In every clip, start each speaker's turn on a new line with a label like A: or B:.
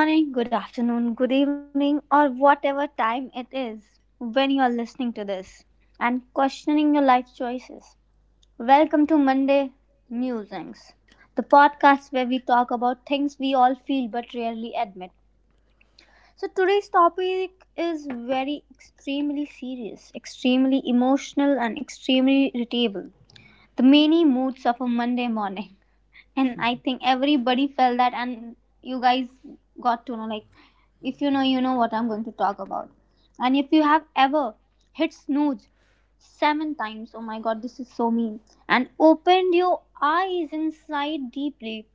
A: Good morning, good afternoon, good evening, or whatever time it is when you are listening to this and questioning your life choices. Welcome to Monday Musings, the podcast where we talk about things we all feel but rarely admit. So, today's topic is very extremely serious, extremely emotional, and extremely irritable. The many moods of a Monday morning. And I think everybody felt that, and you guys got to know, like, if you know, you
B: Monday
A: know what
B: don't
A: I'm going to
B: arrive. They
A: talk
B: attack.
A: about. And if you have ever hit snooze seven times, oh my god, this is so mean, and opened your eyes inside deeply,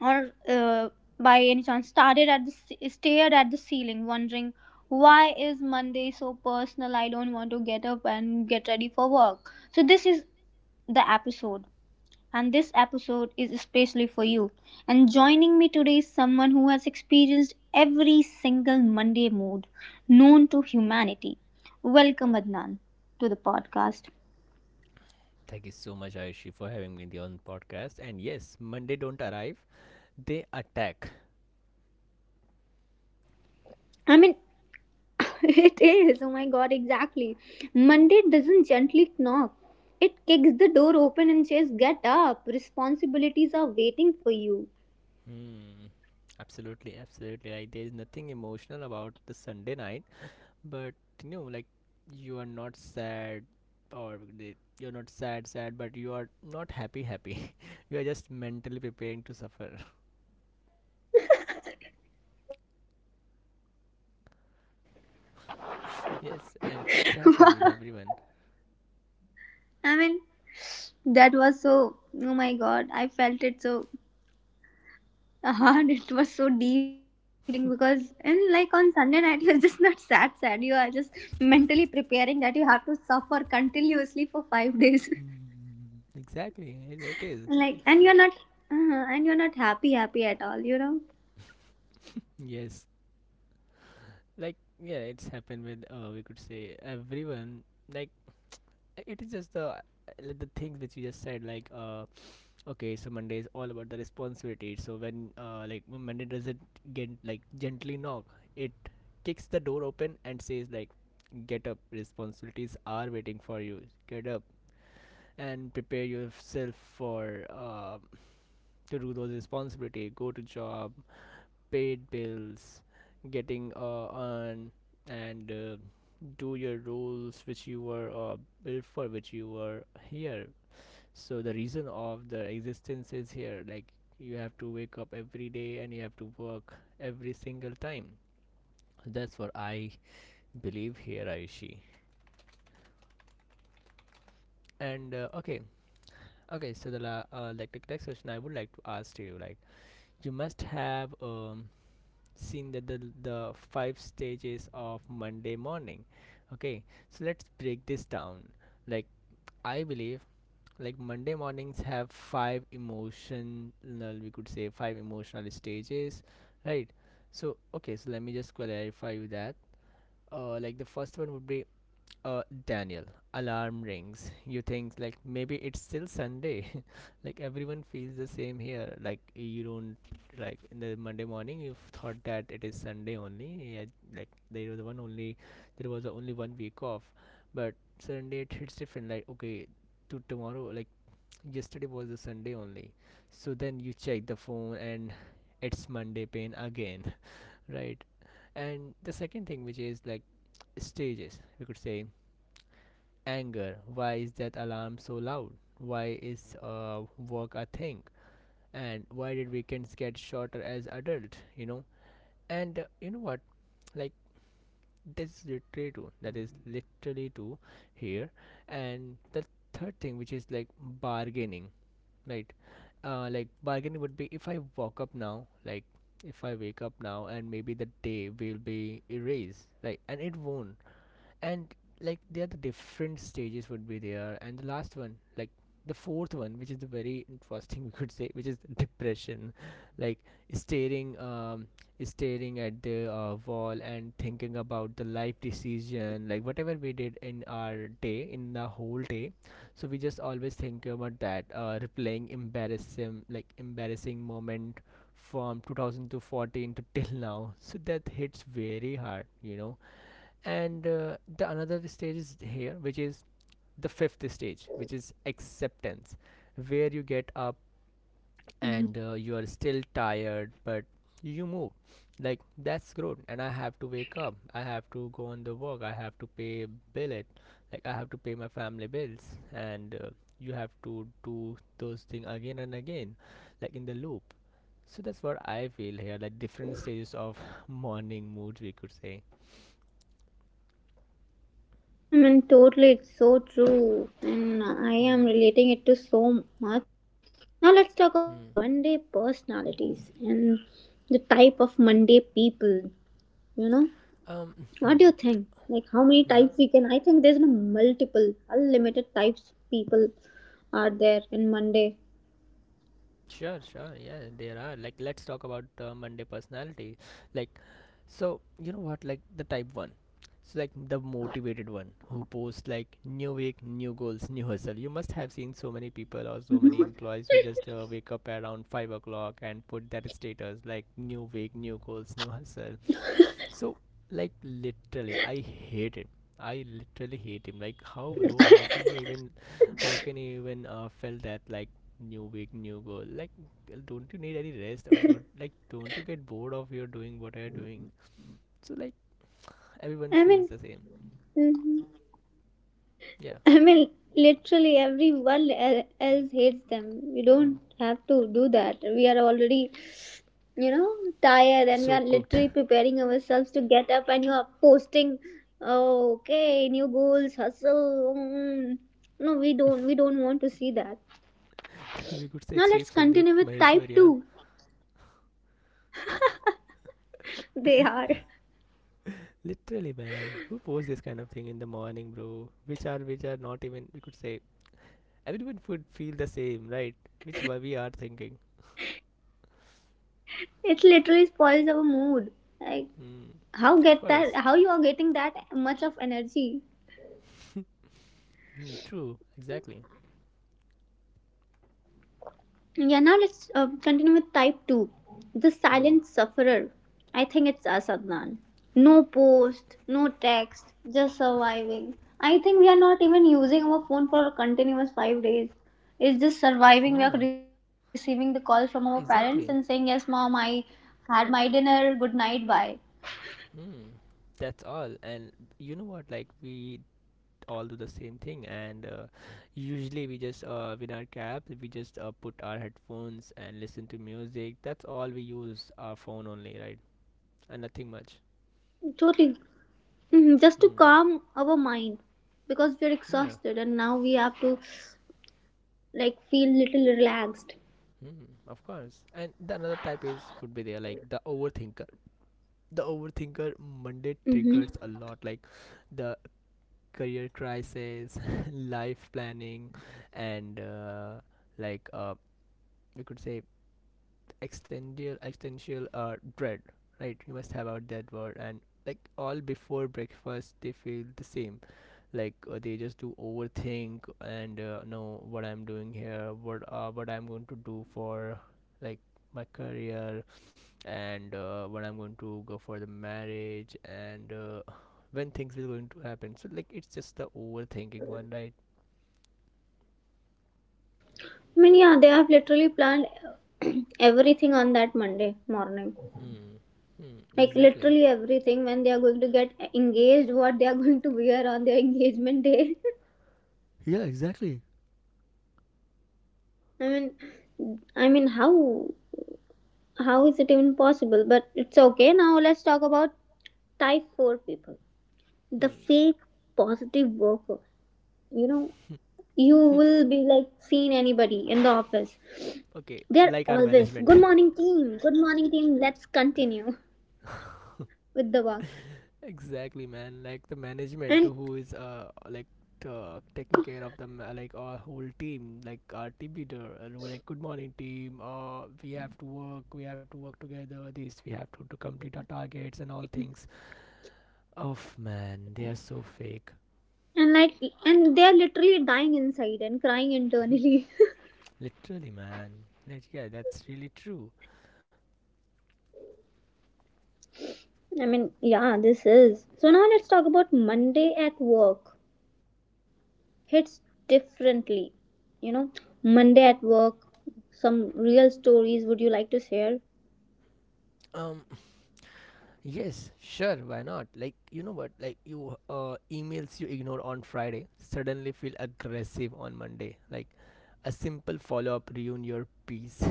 A: or by any chance started at the ce- stared at the ceiling, wondering, why is Monday so personal? I don't want to get up and get ready for work. So this is the episode, and this episode is especially for you. And joining me today is someone who has experienced every single Monday mood known to humanity. Welcome, Adnan, to the podcast.
B: Thank you so much, Ayushi, for having me on the podcast. And yes, Monday don't arrive. They attack.
A: I mean, it is. Oh my god, exactly. Monday doesn't gently knock. It kicks the door open and says, get up, responsibilities are waiting for you.
B: Hmm. Absolutely, absolutely. Like there is nothing emotional about the Sunday night, but like you are not sad you're not sad sad, but you are not happy happy. you are just mentally preparing to suffer Yes, and it's happened with everyone.
A: I mean, that was so. Oh my god, I felt it so hard. It was so deep thing, because and like, on Sunday night, you're just not sad sad, you are just mentally preparing that you have to suffer continuously for 5 days.
B: Exactly, it is.
A: Like, and you're not happy happy at all, you know.
B: Yes. Like, yeah, it's happened with
A: So
B: we could
A: like,
B: say
A: basically, Sunday
B: everyone.
A: night and
B: Like,
A: anxiety deserves its
B: it is
A: own
B: just the,
A: therapy
B: like the
A: session.
B: things which you
A: I
B: just
A: mean,
B: said,
A: we
B: like
A: need it on Sundays night,
B: okay,
A: okay?
B: so
A: Like,
B: Monday is all about
A: oh
B: the
A: my god, I
B: responsibility.
A: have to
B: So
A: go to
B: when uh
A: work,
B: like
A: and
B: when Monday
A: there's a
B: doesn't get
A: mental
B: like
A: pressure on
B: gently
A: your
B: knock,
A: head.
B: it
A: Okay, why the
B: kicks the
A: time
B: door
A: is,
B: open and
A: you
B: says
A: know,
B: like, get
A: like,
B: up, responsibilities are waiting
A: getting
B: for
A: too
B: you.
A: fast?
B: Get up
A: Everybody, like, everybody's in
B: and
A: on a
B: prepare
A: rush.
B: yourself
A: Everybody is like,
B: for
A: somebody, some people do like,
B: to
A: they're
B: do those
A: still on,
B: responsibility,
A: it's
B: go to
A: Sunday night,
B: job,
A: it's 10 p.m. in the night, and
B: paid
A: they're
B: bills,
A: finalizing what they are going to
B: getting,
A: wear next
B: on, and
A: morning. And like,
B: do
A: it
B: your
A: gives me an
B: roles which
A: anxiety.
B: you were
A: And I being
B: built
A: very
B: for,
A: honest,
B: which you were
A: because I want to
B: here.
A: live in that moment
B: So
A: and
B: the
A: I need
B: reason
A: to feel
B: of the
A: peace.
B: existence is
A: Already
B: here.
A: I'm
B: Like,
A: thinking about
B: you have
A: Monday
B: to wake
A: morning
B: up
A: till
B: every
A: Saturday
B: day and you
A: night,
B: have to work every single
A: and
B: time.
A: now you guys are
B: That's what I
A: finalizing the clothes what you're
B: believe
A: going to
B: here,
A: wear on
B: Ayushi.
A: Monday morning when you're going to work. Oh
B: And okay, okay. So the like the next question I would like to ask to you, like you must have seen that the five stages of Monday morning. Okay, so let's break this down. Like, I believe like Monday mornings have five emotional, we could say five emotional stages, right? So okay, so let me just clarify you that. Like the first one would be, Daniel, alarm rings. You think like maybe it's still Sunday. Like everyone feels the same here. Like, you don't, like, in the Monday morning you thought that it is Sunday only. Yeah, like there was only one week off, but Sunday it hits different. Like okay, to tomorrow like yesterday was the Sunday only. So then you check the phone and it's Monday pain again, right? And the second thing, which is like stages, we could say anger. Why is that alarm so loud? Why is work a thing? And why did weekends get shorter as adults? And you know what? Like, that's literally true. That is literally true here. And the third thing, which is like bargaining, right? Like bargaining would be, if I walk up now, like if I wake up now, and maybe the day will be erased, like, and it won't, and like there are the different stages would be there, and the last one, like the fourth one, which is the very interesting, we could say, which is depression. Like staring um staring at the wall and thinking about the life decision, like whatever we did in our day, in the whole day. So we just always think about that, replaying embarrassing moment from 2000 to 14 to till now, so that hits very hard. And the another stage is here, which is the fifth stage, which is acceptance, where you get up,
C: Mhm.
B: and you are still tired, but you move. Like, that's growth. And I have to wake up, I have to go on the work, I have to pay bill it, like I have to pay my family bills. And you have to do those things again and again, like in the loop. So that's what I feel here, like different stages of morning moods, we could say.
C: I mean, totally, it's so true, and I am
B: hmm,
C: relating it to so much. Now, let's talk about
B: hmm.
C: Monday personalities and the type of Monday people. You know,
B: Um,
C: what
B: hmm,
C: do you think? Like, how many
B: mhm.
C: types we can? I think there's no multiple, unlimited types people are there in Monday.
B: Sure, sure. Yeah, there are. Like, let's talk about Monday personality. Like, so you know what? Like the type one. So like the motivated one who posts like, new week, new goals, new hustle. You must have seen so many people or so many employees who just wake up around 5 o'clock and put that status like, new week, new goals, new hustle. So, like, literally, I hate him. I literally hate him. Like, how, bro? How can you even feel that, like, new week, new goal? Like, girl, don't you need any rest? Or don't you get bored of your doing what you're doing? So like everyone
C: I
B: feels
C: mean,
B: the same.
C: mhm.
B: Yeah.
C: I mean, literally everyone else hates them. You don't have to do that. We are already you know tired, and we
B: So
C: are
B: cooked.
C: literally preparing ourselves to get up, and you are posting, "Oh, okay, new goals, hustle, mm." No, we don't want to see that.
B: We could say
C: Now
B: Chief
C: let's
B: Sandeep
C: continue with type
B: Maheshwarya.
C: 2. They are...
B: Literally, man, who posts this kind of thing in the morning, bro? Which are not even, we could say, everyone would feel the same, right? Which why we are thinking.
C: It literally spoils our mood. Like,
B: Mm,
C: how
B: of
C: get that,
B: course.
C: how you are getting that much of energy?
B: Mm, true. Exactly.
C: Yeah, now let's continue with type 2. The
B: Hmm.
C: silent sufferer. I think it's us, Adnan. No post, no text, just surviving. I think we are not even using our phone for a continuous 5 days. It's just surviving. We are
B: Huh.
C: receiving the calls from our parents and saying, "Yes,
B: Exactly.
C: mom, I had my dinner. Good night, bye."
B: Hmm. That's all. And you know what? Like, we all do the same thing. And usually we just, in our cabs we just, put our headphones and listen to music. That's all we use our phone only, right? And nothing much.
C: Totally. Mhm, just to
B: Hmm.
C: calm our mind, because we are
B: Yeah.
C: exhausted and now we have to, like, feel little relaxed.
B: Hmm. Of course. And the another type is would be there, like the overthinker. The overthinker Monday
C: Mm-hmm.
B: triggers a lot. Like the career crisis, life planning, and, like, we could say, existential dread. Right, you must have out that word. And like, all before breakfast they feel the same. Like, they just do overthink. And know what I'm doing here, what I'm going to do for, like, my career, and when I'm going to go for the marriage, and when things will going to happen. So like it's just the overthinking one, right?
C: I mean, yeah, they have literally planned everything on that Monday morning.
B: Hmm. Hmm.
C: Like,
B: Exactly.
C: literally everything, when they are going to get engaged, what they are going to wear on their engagement day.
B: Really?
C: I mean, I mean, how is it even possible? But it's okay. Now let's talk about type 4 people, the
B: Hmm.
C: fake positive worker. You know, you will be like seen anybody in the office.
B: Okay,
C: They're
B: like our
C: always,
B: management.
C: "Good morning team, good morning team. Let's continue with the work."
B: Exactly, man. Like the management
C: And
B: who is like taking care of them, like our whole team, like our team leader, who like, good morning team, we have to work together, this we have to complete our targets and all things. Oof, man, they are so fake.
C: and like, and they're literally dying inside and crying internally.
B: Literally, man. Like, yeah, that's really true.
C: I mean, yeah, this is so. Now let's talk about Monday at work, hits differently, you know. Monday at work, some real stories, would you like to share?
B: Um, yes, sure, why not? Like, you know what? Like, you emails you ignore on Friday suddenly feel aggressive on Monday. Like, a simple follow up ruin your peace.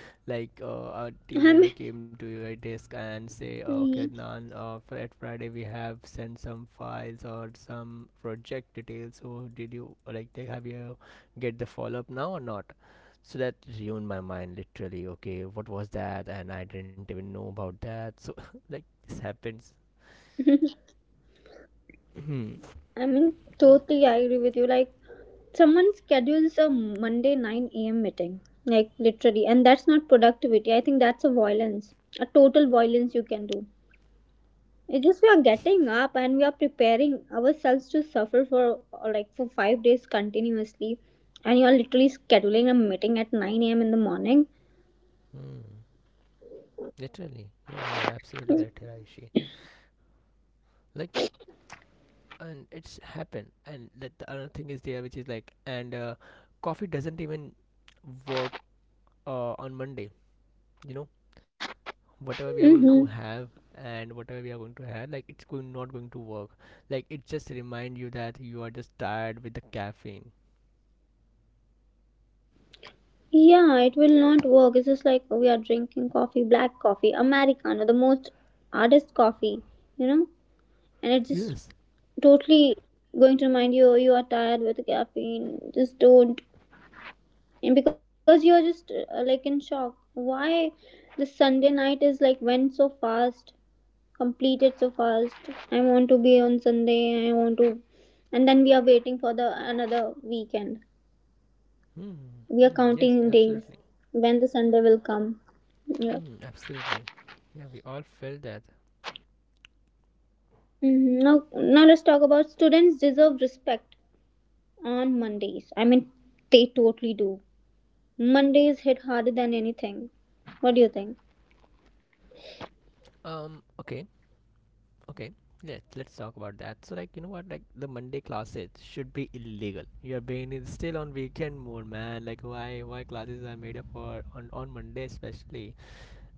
B: Like, a team
C: I
B: leader
C: mean.
B: came to your desk and say, "Okay, Nan,
C: Mhm.
B: for at Friday we have sent some files or some project details. So, did you like? They have you get the follow up now or not?" So that ruined my mind literally. Okay, what was that? And I didn't even know about that. So like this happens. mm.
C: I mean, totally, I agree with you. Like, someone schedules a Monday 9 a.m. meeting, like, literally, and that's not productivity, I think that's a violence, a total violence you can do. It is. We are getting up and we are preparing ourselves to suffer for like for 5 days continuously, and you are literally scheduling a meeting at 9 a.m. in the morning.
B: Literally, yeah, you are absolutely correct here, Aishi. Like, and it's happened. And like, the another thing is there, which is like, and coffee doesn't even work on Monday, you know whatever we are going to
C: Mm-hmm.
B: have. And whatever we are going to have, like, it's going not going to work. Like it just remind you that you are just tired with the caffeine.
C: Yeah, it will not work. It's just like we are drinking coffee, black coffee, Americano, the most hardest coffee, you know, and it's just totally going to remind you you are tired with caffeine. Just don't, and because you are just like in shock. Why the Sunday night is like went so fast? Completed so fast. I want to be on Sunday. I want to, and then we are waiting for the another weekend.
B: Hmm,
C: We are
B: hmm, yes,
C: counting days
B: absolutely.
C: when the Sunday will come. Yeah.
B: Hmm, absolutely. Yeah, we all felt that.
C: Now, let's talk about, students deserve respect on Mondays. I mean, they totally do. Mondays hit harder than anything. What do you think?
B: Okay, okay. Let's talk about that. So like, you know what, like the Monday classes should be illegal. Your brain is still on weekend mode, man. Like, why classes are made up for on Monday especially.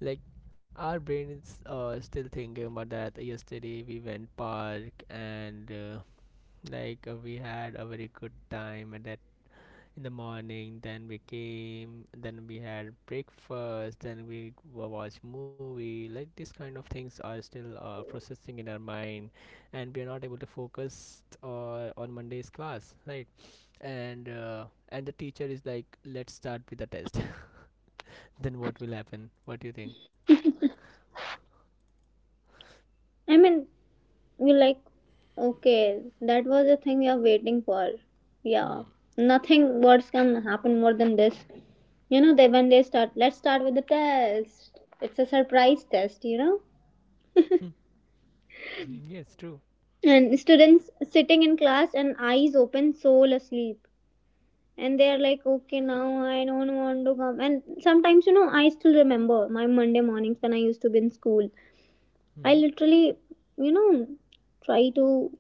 B: Like, our brain is, still thinking about that. Yesterday we went park, and, like, we had a very good time at that in the morning. Then we came. Then we had breakfast. Then we watched movie. Like these kind of things are still, processing in our mind, and we are not able to focus, on Monday's class, right? And the teacher is like, "Let's start with the test." Then what will happen? What do you think?
C: I mean, we're like, okay, that was the thing we are waiting for. Yeah,
B: Hmm.
C: nothing worse can happen more than this. You know, they when they start, let's start with the test. It's a surprise test.
B: Hmm. Mm, yes, true.
C: And students sitting in class and eyes open, soul asleep. And they are like, okay, now I don't want to come. And sometimes, I still remember my Monday mornings when I used to be in school.
B: Mm-hmm.
C: I literally, you know, try to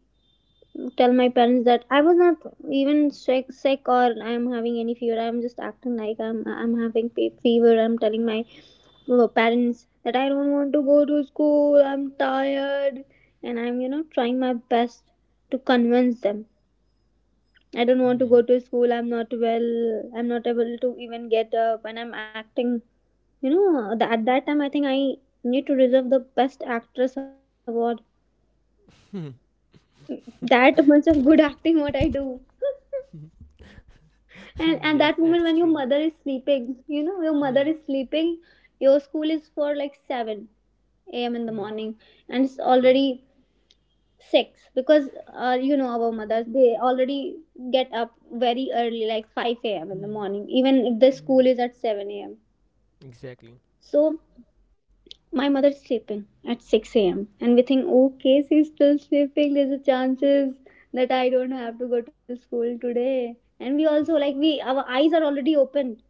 C: tell my parents that I was not even sick, sick or I'm having any fever. I'm just acting like I'm having fever. I'm telling my parents that I don't want to go to school. I'm tired, and I'm trying my best to convince them. I don't want to
B: Hmm.
C: go to school. I'm not well. I'm not able to even get up, and I'm acting. You know, at that time, I think I need to reserve the best actress award. That much of good acting, what I do. And at that
B: Yes,
C: moment when your
B: true.
C: mother is sleeping, your mother
B: Hmm.
C: is sleeping, your school is for like 7 a.m in
B: Hmm.
C: the morning, and it's
B: Hmm.
C: already 6, because our mothers, they already get up very early, like 5 a.m in the
B: Hmm.
C: morning, even if the
B: Hmm.
C: school is at 7 a.m.
B: Exactly.
C: So my mother is sleeping at 6 a.m, and we think, okay, she's still sleeping, there's a chances that I don't have to go to school today, and we also, like, we our eyes are already open,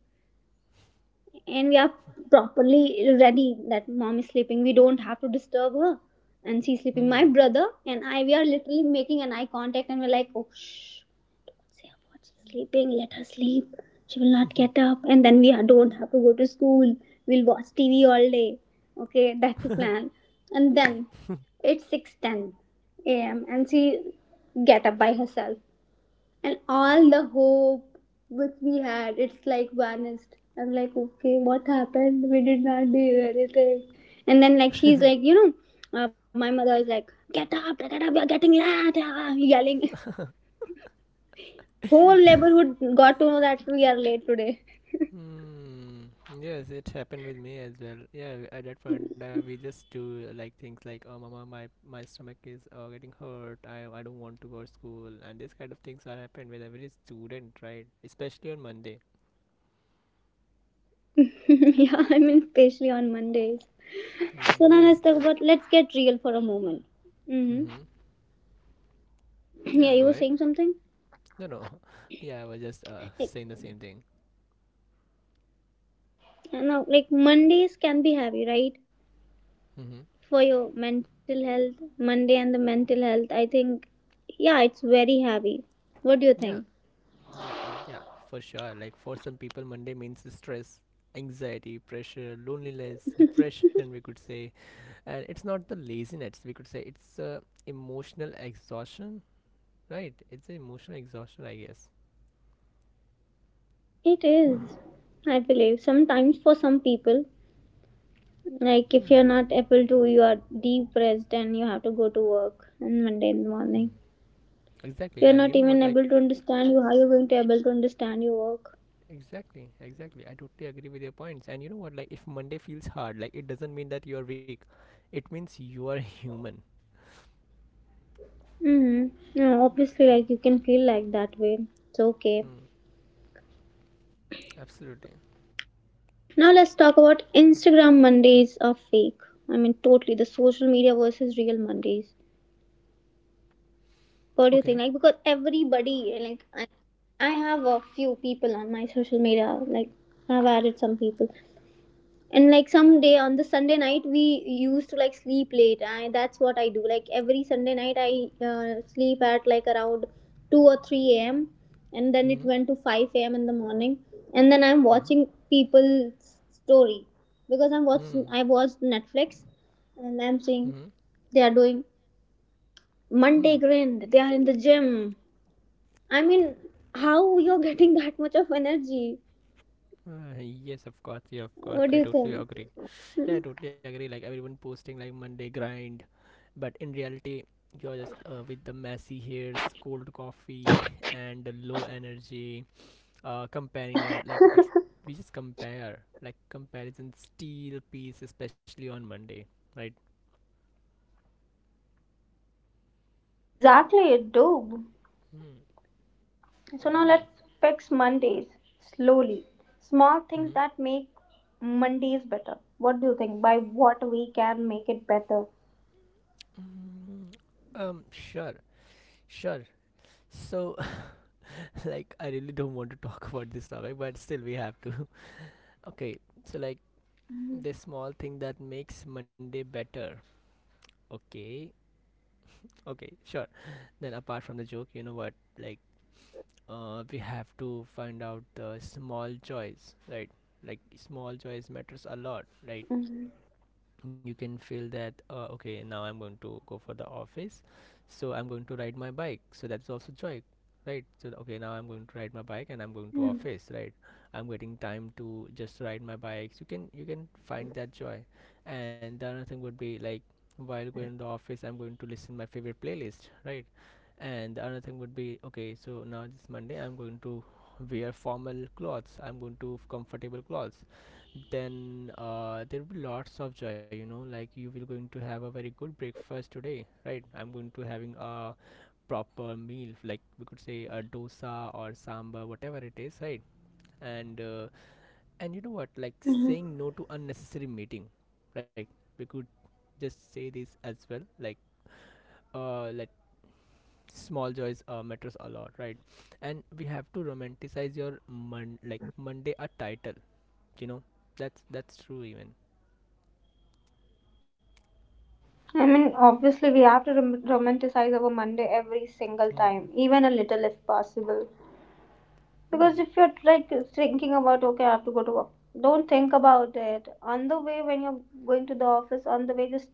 C: and we are properly ready that mom is sleeping, we don't have to disturb her. And she's sleeping, my
B: Hmm.
C: brother and I, we are literally making an eye contact, and we're like, oh, shh, say, up what's sleeping, let her sleep. She will not get up, and then we don't have to go to school. We'll watch TV all day. Okay, that's the plan. And then it's 6:10 a.m. and she get up by herself, and all the hope which we had, it's like vanished. I'm like, okay, what happened, we did not do anything. And then, like, she's like, my mother is like, get up, get up, we are getting late, ah, yelling, whole neighborhood got to know that we are late today.
B: Hmm. Yes, it happened with me as well. Yeah, at that point, we just do, like things like, "Oh, mama, my stomach is, getting hurt. I don't want to go to school," and this kind of things are happened with every student, right? Especially on Monday.
C: Yeah, I mean, especially on Mondays.
B: Mm,
C: So now
B: yes.
C: let's talk about let's get real for a moment. Mm-hmm.
B: Mm-hmm. Yeah.
C: Yeah, you
B: Go
C: were
B: ahead.
C: saying something.
B: No, no. Yeah, I was just,
C: Like,
B: saying the same thing.
C: now, like, Mondays can be heavy, right,
B: Mm-hmm.
C: for your mental health. Monday and the mental health, I think, yeah, it's very heavy. What do you
B: Yeah.
C: think?
B: Yeah. And yeah, for sure. Like, for some people, Monday means stress, anxiety, pressure, loneliness, depression. We could say, and it's not the laziness, we could say it's, emotional exhaustion, right? It's emotional exhaustion, I guess.
C: It is, I believe. Sometimes for some people, like
B: Hmm.
C: if you're not able to, you are depressed and you have to go to work on Monday in the
B: Hmm.
C: morning.
B: Exactly,
C: You're
B: and you
C: not
B: know what,
C: even
B: like,
C: able to understand you. How you're going to able to understand your work?
B: exactly, exactly, I totally agree with your points. And you know what, like, if Monday feels hard, like it doesn't mean that you're weak, it means you are human.
C: Mm-hmm. No, obviously,
B: Hmm.
C: like, you can feel like that way. It's okay.
B: Hmm. Absolutely.
C: Now let's talk about Instagram Mondays are fake. I mean, totally the social media versus real Mondays. What do you
B: Okay.
C: think? Like, because everybody, like, I have a few people on my social media. Like, I've added some people, and like some day on the Sunday night we used to like sleep late. I, that's what I do, like every Sunday night I sleep at like around 2 or 3 a.m, and then it
B: Hmm.
C: went to 5 a.m in the morning. And then I'm
B: Hmm.
C: watching people's story, because i'm watching
B: Hmm.
C: i watched Netflix, and I'm
B: Hmm.
C: seeing they are doing
B: Hmm.
C: Monday grind, they are in the gym. I mean, how you're getting that much of energy?
B: Yes, of course, yeah, of course,
C: What do
B: I
C: you
B: totally
C: think?
B: agree. Yeah, I totally agree. Like everyone posting like Monday grind, but in reality, you're just with the messy hairs, cold coffee, and the low energy. Comparing like we could, we just compare like comparison steel piece, especially on Monday, right?
C: Exactly, it do.
B: Hmm.
C: So now let's fix Mondays slowly. Small
B: Hmm.
C: things that make Mondays better. What do you think? By what we can make it better?
B: Mm, Sure. Sure. So, like, I really don't want to talk about this topic, but still, we have to. Okay. So, like, the small thing that makes Monday better. Okay. Okay, sure. Then apart from the joke, you know what? Like, we have to find out the small joys, right? Like small joys matters a lot, right?
C: Mm-hmm.
B: You can feel that okay, now I'm going to go for the office, so I'm going to ride my bike, so that's also joy, right? So okay, now I'm going to ride my bike and I'm going to office, right? I'm getting time to just ride my bike. You can you can find that joy. And the another thing would be like, while going to the office, I'm going to listen my favorite playlist, right? And the another thing would be okay, so now this Monday I'm going to wear formal clothes, I'm going to comfortable clothes. Then there will be lots of joy, you know, like you will going to have a very good breakfast today, right? I'm going to having a proper meal, like we could say a dosa or sambar, whatever it is, right? And and you know what, like saying no to unnecessary meeting, right? We could just say this as well, like let small joys matters a lot, right? And we have to romanticize your like Monday a title, you know. That's true even.
C: I mean, obviously, we have to romanticize our Monday every single
B: Hmm.
C: time, even a little if possible. Because
B: Hmm.
C: if you're like thinking about, okay, I have to go to work, don't think about it. On the way, when you're going to the office, on the way, just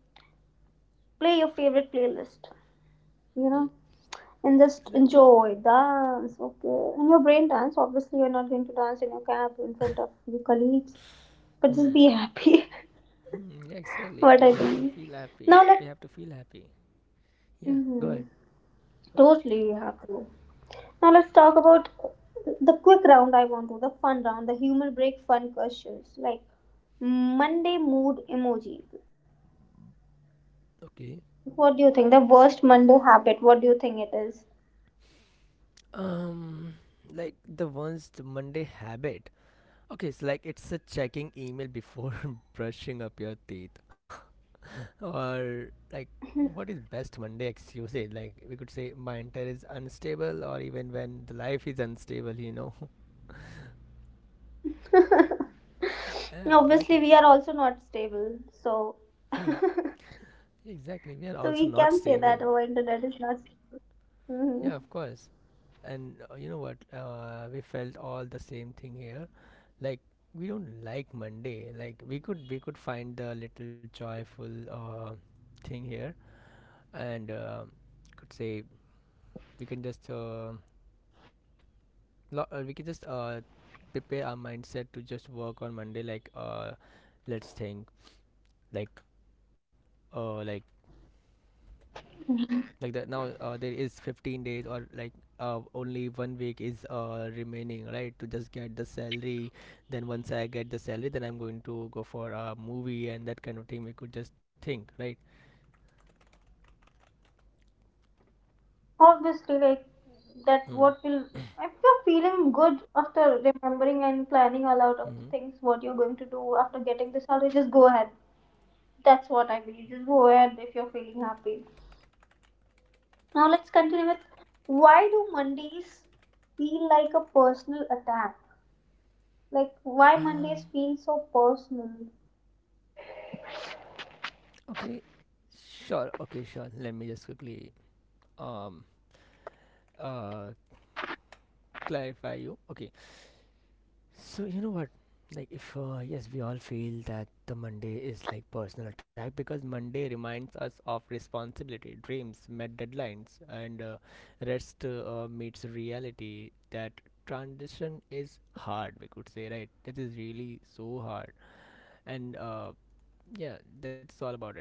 C: play your favorite playlist. You
B: Hmm,
C: know. And just
B: exactly.
C: enjoy, dance, okay. In your brain dance, obviously you're not going to dance in your cab in front of your colleagues, but just
B: Hmm.
C: be happy.
B: Hmm, yeah, exactly. We
C: What I
B: have to
C: think.
B: feel happy.
C: Now
B: We have
C: let's,
B: to feel happy. Yeah. Go
C: hmm
B: ahead.
C: totally happy. Now let's talk about the quick round. I want to the fun round, the humor break fun questions, like Monday mood emoji.
B: Okay.
C: What do you think? The worst Monday habit. What do you think it is?
B: Um. Like the ones the Monday habit. Okay. It's like it's a checking email before brushing up your teeth, or like what is best Monday excuse? It like we could say my entire is unstable, or even when the life is unstable. Yeah.
C: Obviously,
B: Exactly.
C: we are also not stable, so
B: Hmm. Exactly. We are
C: so
B: also
C: we
B: not
C: can say
B: stable.
C: that our internet is not. Mhm.
B: Yeah. Of course. And you know what, we felt all the same thing here, like we don't like Monday. Like we could find the little joyful thing here. And could say we can just we can just prepare our mindset to just work on Monday, like let's think like uh, like like that now there is 15 days or like only one week is remaining, right, to just get the salary. Then once I get the salary, then I'm going to go for a movie, and that kind of thing we could just think, right?
C: Obviously, like that,
B: Mm-hmm.
C: what will, if you're feeling good after remembering and planning a lot of the things what you're going to do after getting the salary, just go ahead. That's what I believe. Just go ahead if you're feeling happy. Now, let's continue with, why do Mondays feel like a personal attack? Like, why Mondays
B: um
C: feel so personal?
B: okay, sure. Okay, sure, let me just quickly um uh clarify you. Okay. So you know what? Like if yes, we all feel that the Monday is like personal attack because Monday reminds us of responsibility, dreams, met deadlines, and rest meets reality. That transition is hard. We could say, right. That is really so hard. And yeah, that's all about it.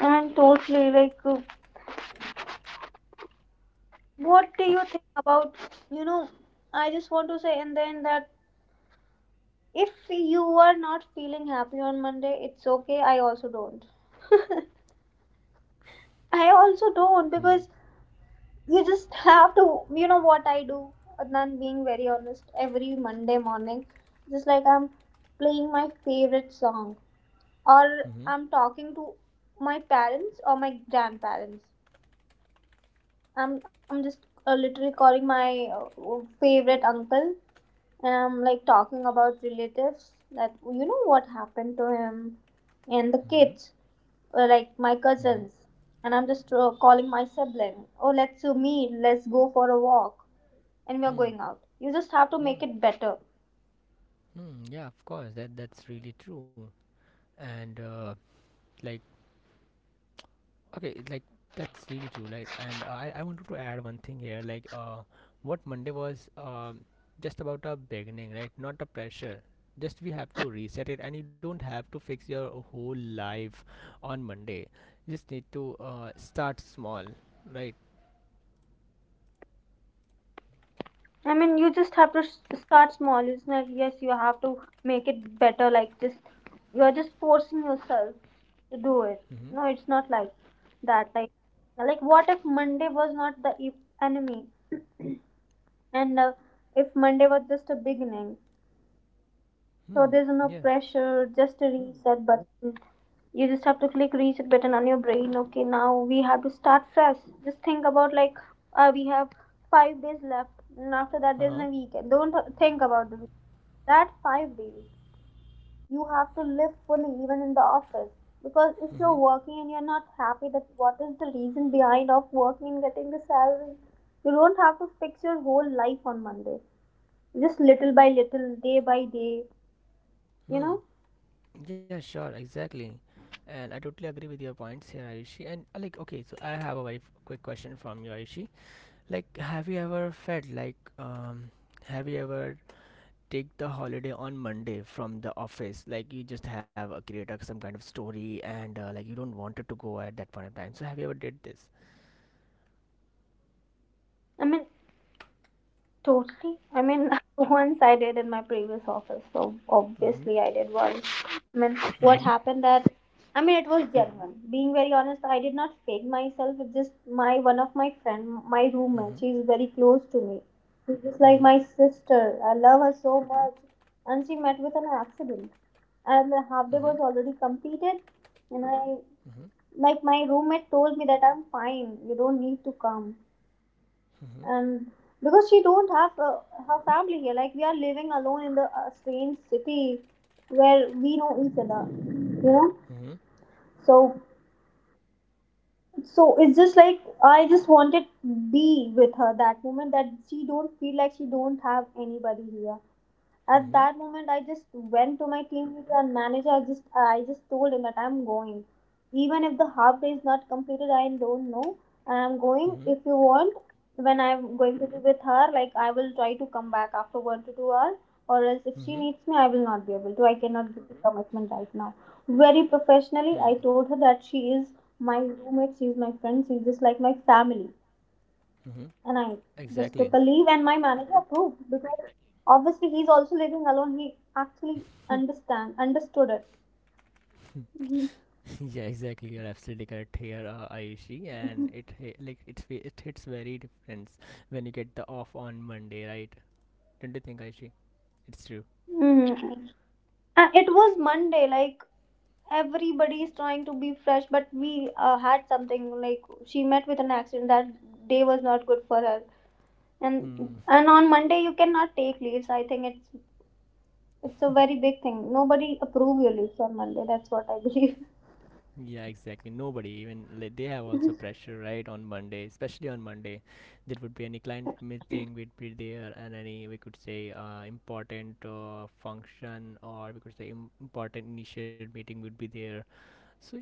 C: And totally, like, what do you think about, you know, I just want to say, and then that, if you are not feeling happy on Monday, it's okay. I also don't. I also don't,
B: Hmm.
C: because you just have to, you know what I do, Adnan, being very honest, every Monday morning, just like I'm playing my favorite song, or
B: Hmm.
C: I'm talking to my parents or my grandparents. I'm just literally calling my favorite uncle, like talking about relatives that, you know, what happened to him and the
B: Hmm.
C: kids, or like my
B: Hmm.
C: cousins. And I'm just calling my sibling, "Oh, let's do meet, let's go for a walk," and we are
B: Hmm.
C: going out. You just have to
B: Hmm.
C: make it better.
B: Hmm. Yeah. Of course. That's really true. And like okay, like that's really true, right? And I wanted to add one thing here, like what Monday was just about a beginning, right? Not a pressure. Just we have to reset it, and you don't have to fix your whole life on Monday. You just need to start small, right?
C: I mean, you just have to start small. It's not yes, you have to make it better, like just you're just forcing yourself to do it.
B: Mm-hmm.
C: No, it's not like that. Like what if Monday was not the enemy? And if Monday was just a beginning, so
B: Hmm.
C: there's no
B: Yeah.
C: pressure, just a reset button. You just have to click reset button on your brain. Okay, now we have to start fresh. Just think about, like, we have 5 days left, and after that there's
B: Huh.
C: no weekend. Don't think about the week. That 5 days you have to live fully, even in the office. Because if
B: Mm-hmm.
C: you're working and you're not happy, that what is the reason behind of working and getting the salary? You don't have to fix your whole life on Monday, just little by little, day by day, you
B: Hmm.
C: know?
B: Yeah. Sure. Exactly. And I totally agree with your points here, Ayushi. And like, okay, so I have a very quick question from you, Ayushi. Like, have you ever felt like, have you ever take the holiday on Monday from the office? Like, you just have a create a, some kind of story, and like you don't want it to go at that point of time. So, have you ever did this?
C: I mean, totally. I mean, once I did in my previous office, so
B: Mm-hmm.
C: obviously I did once. I mean,
B: Mm-hmm.
C: what happened that, I mean, it was genuine. Being very honest, I did not fake myself. It's just my one of my friend, my roommate,
B: Mm-hmm.
C: she's very close to me. She's just like my sister. I love her so much. And she met with an accident. And the half day
B: Mm-hmm.
C: was already completed. And I,
B: Mm-hmm.
C: like, my roommate told me that, "I'm fine, you don't need to come."
B: Mm-hmm.
C: And because she don't have her family here, like we are living alone in the strange city where we know each other, you know.
B: Mm-hmm.
C: So, so it's just like I just wanted be with her that moment, that she don't feel like she don't have anybody here. At
B: Mm-hmm.
C: that moment, I just went to my team leader and manager. I just told him that I'm going, even if the half day is not completed. I don't know, and I'm going.
B: Mm-hmm.
C: If you want, when I'm going to be with her, like I will try to come back after 1 to 2 hours, or else if she
B: Mm-hmm.
C: needs me, I will not be able to. I cannot give the commitment right now. Very professionally, I told her that she is my roommate, she is my friend, she's just like my family,
B: Mm-hmm.
C: and I just took a
B: Exactly.
C: leave, and my manager approved because obviously he's also living alone. He actually understand understood it. Mhm.
B: Yeah, exactly. You're absolutely correct here, Ayushi, and it like it's it hits very difference when you get the off on Monday, right? Don't you think, Ayushi? It's true.
C: Mhm. And it was Monday, like everybody is trying to be fresh, but we had something, like she met with an accident. That day was not good for her, and
B: Mm,
C: on Monday you cannot take leaves. I think it's a very big thing. Nobody approve your leaves on Monday. That's what I believe.
B: yeah, exactly. Nobody even like, they have also pressure, right? On Monday, especially on Monday, there would be any client meeting would be there, and any we could say important function or we could say important initial meeting would be there. So yeah,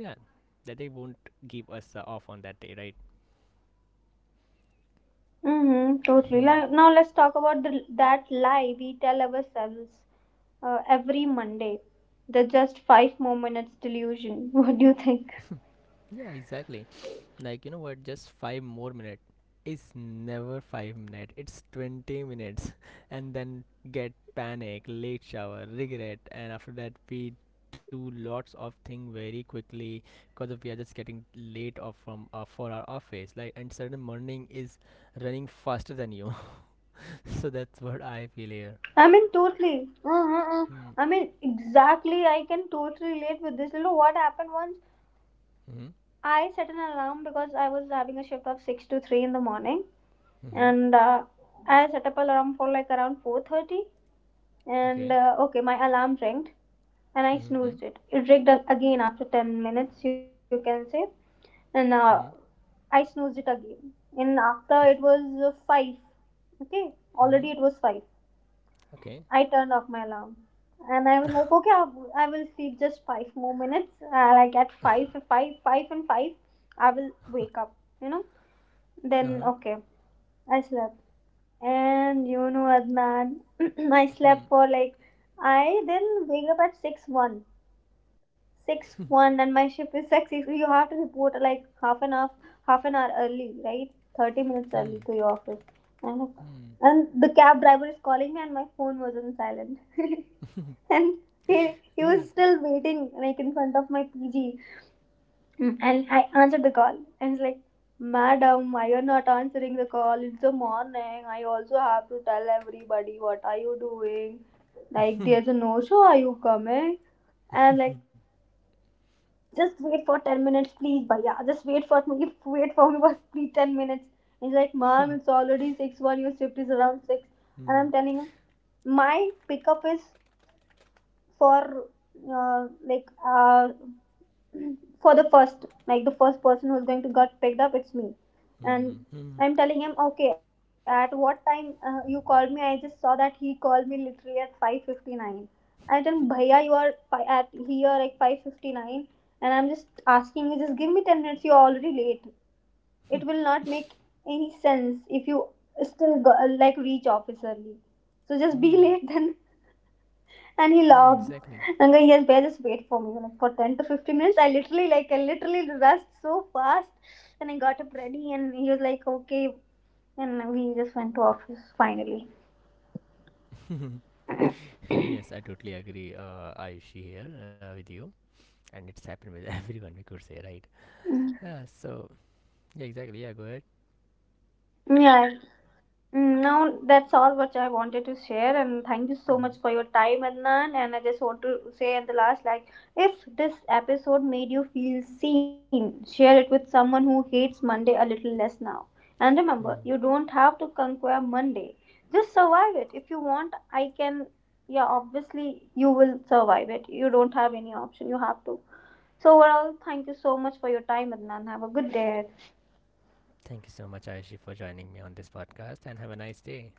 B: that they won't give us off on that day, right?
C: Mm-hmm, totally. Now let's talk about the, that lie we tell ourselves every Monday. The just five more minutes delusion. What do you think?
B: Yeah, exactly. Like, you know what? Just five more minutes. It's never five minutes, it's 20 minutes. And then get panic, late shower, regret. And after that, we do lots of thing very quickly because we are just getting late off from for our office, like, and sudden morning is running faster than you. So that's what I feel here.
C: I mean, totally. Uh-huh.
B: Mm.
C: I mean, exactly. I can totally relate with this. You know what happened once?
B: Hmm.
C: I set an alarm because I was having a shift of six to three in the morning,
B: Mm-hmm. Mm-hmm.
C: and I set up alarm for like around 4:30. And
B: Okay.
C: uh, okay, my alarm rang and I
B: Mm-hmm.
C: snoozed it. It rigged again after 10 minutes, you can say. And
B: Mm-hmm.
C: I snoozed it again. And after it was five, okay, already it
B: Mm-hmm.
C: was five.
B: Okay.
C: I turned off my alarm, and I was like, okay, I will sleep just five more minutes. Like at five, five, five, and five, I will wake up. You know. Then
B: Uh-huh.
C: okay, I slept, and you know, Adnan, I slept for like I then wake up at six one. Six one and my ship is six six. You have to report like half an hour early, right? 30 minutes
B: Hmm.
C: early to your office. And
B: Hmm.
C: and the cab driver is calling me, and my phone was on silent. And he he
B: Yeah.
C: was still waiting like in front of my PG. And I answered the call, and he's like, "Madam, why you're not answering the call? It's the morning. I also have to tell everybody what are you doing. Like there's a no show. Are you coming?" And I'm like, just wait for 10 minutes please bhaiya, just wait for me, wait for me for please 10 minutes. He's like, "Mom, it's already 6 one, your shift is around 6." And
B: Mm,
C: I'm telling him my pickup is for uh, like uh, for the first, like the first person who's going to get picked up, it's me.
B: mm,
C: And
B: mm,
C: I'm telling him, okay, at what time you called me, I just saw that he called me literally at 5:59. I told him, "Bhaiya, you are at here like 5:59, and I'm just asking you, just give me 10 minutes. You're already late. It will not make any sense if you still go, like reach office early, so just be
B: mm.
C: late then." And he
B: Yeah,
C: laughed.
B: exactly.
C: I'm going, "Yes, bear, just wait for me. Like, for 10 to 15 minutes," I literally, like, I literally rushed so fast. And I got up ready, and he was like, okay, and we just went to office finally.
B: Yes, I totally agree, Ayushi here with you, and it's happened with everyone, we could say, right? Uh, so, yeah, exactly. Yeah, go ahead.
C: Yeah. Mm, now that's all what I wanted to share, and thank you so much for your time, Adnan. And I just want to say at the last, like, if this episode made you feel seen, share it with someone who hates Monday a little less now. And remember,
B: Hmm.
C: you don't have to conquer Monday, just survive it. If you want, I can, yeah, obviously you will survive it. You don't have any option, you have to. So overall, thank you so much for your time, Adnan. Have a good day.
B: Thank you so much, Ayushi, for joining me on this podcast, and have a nice day.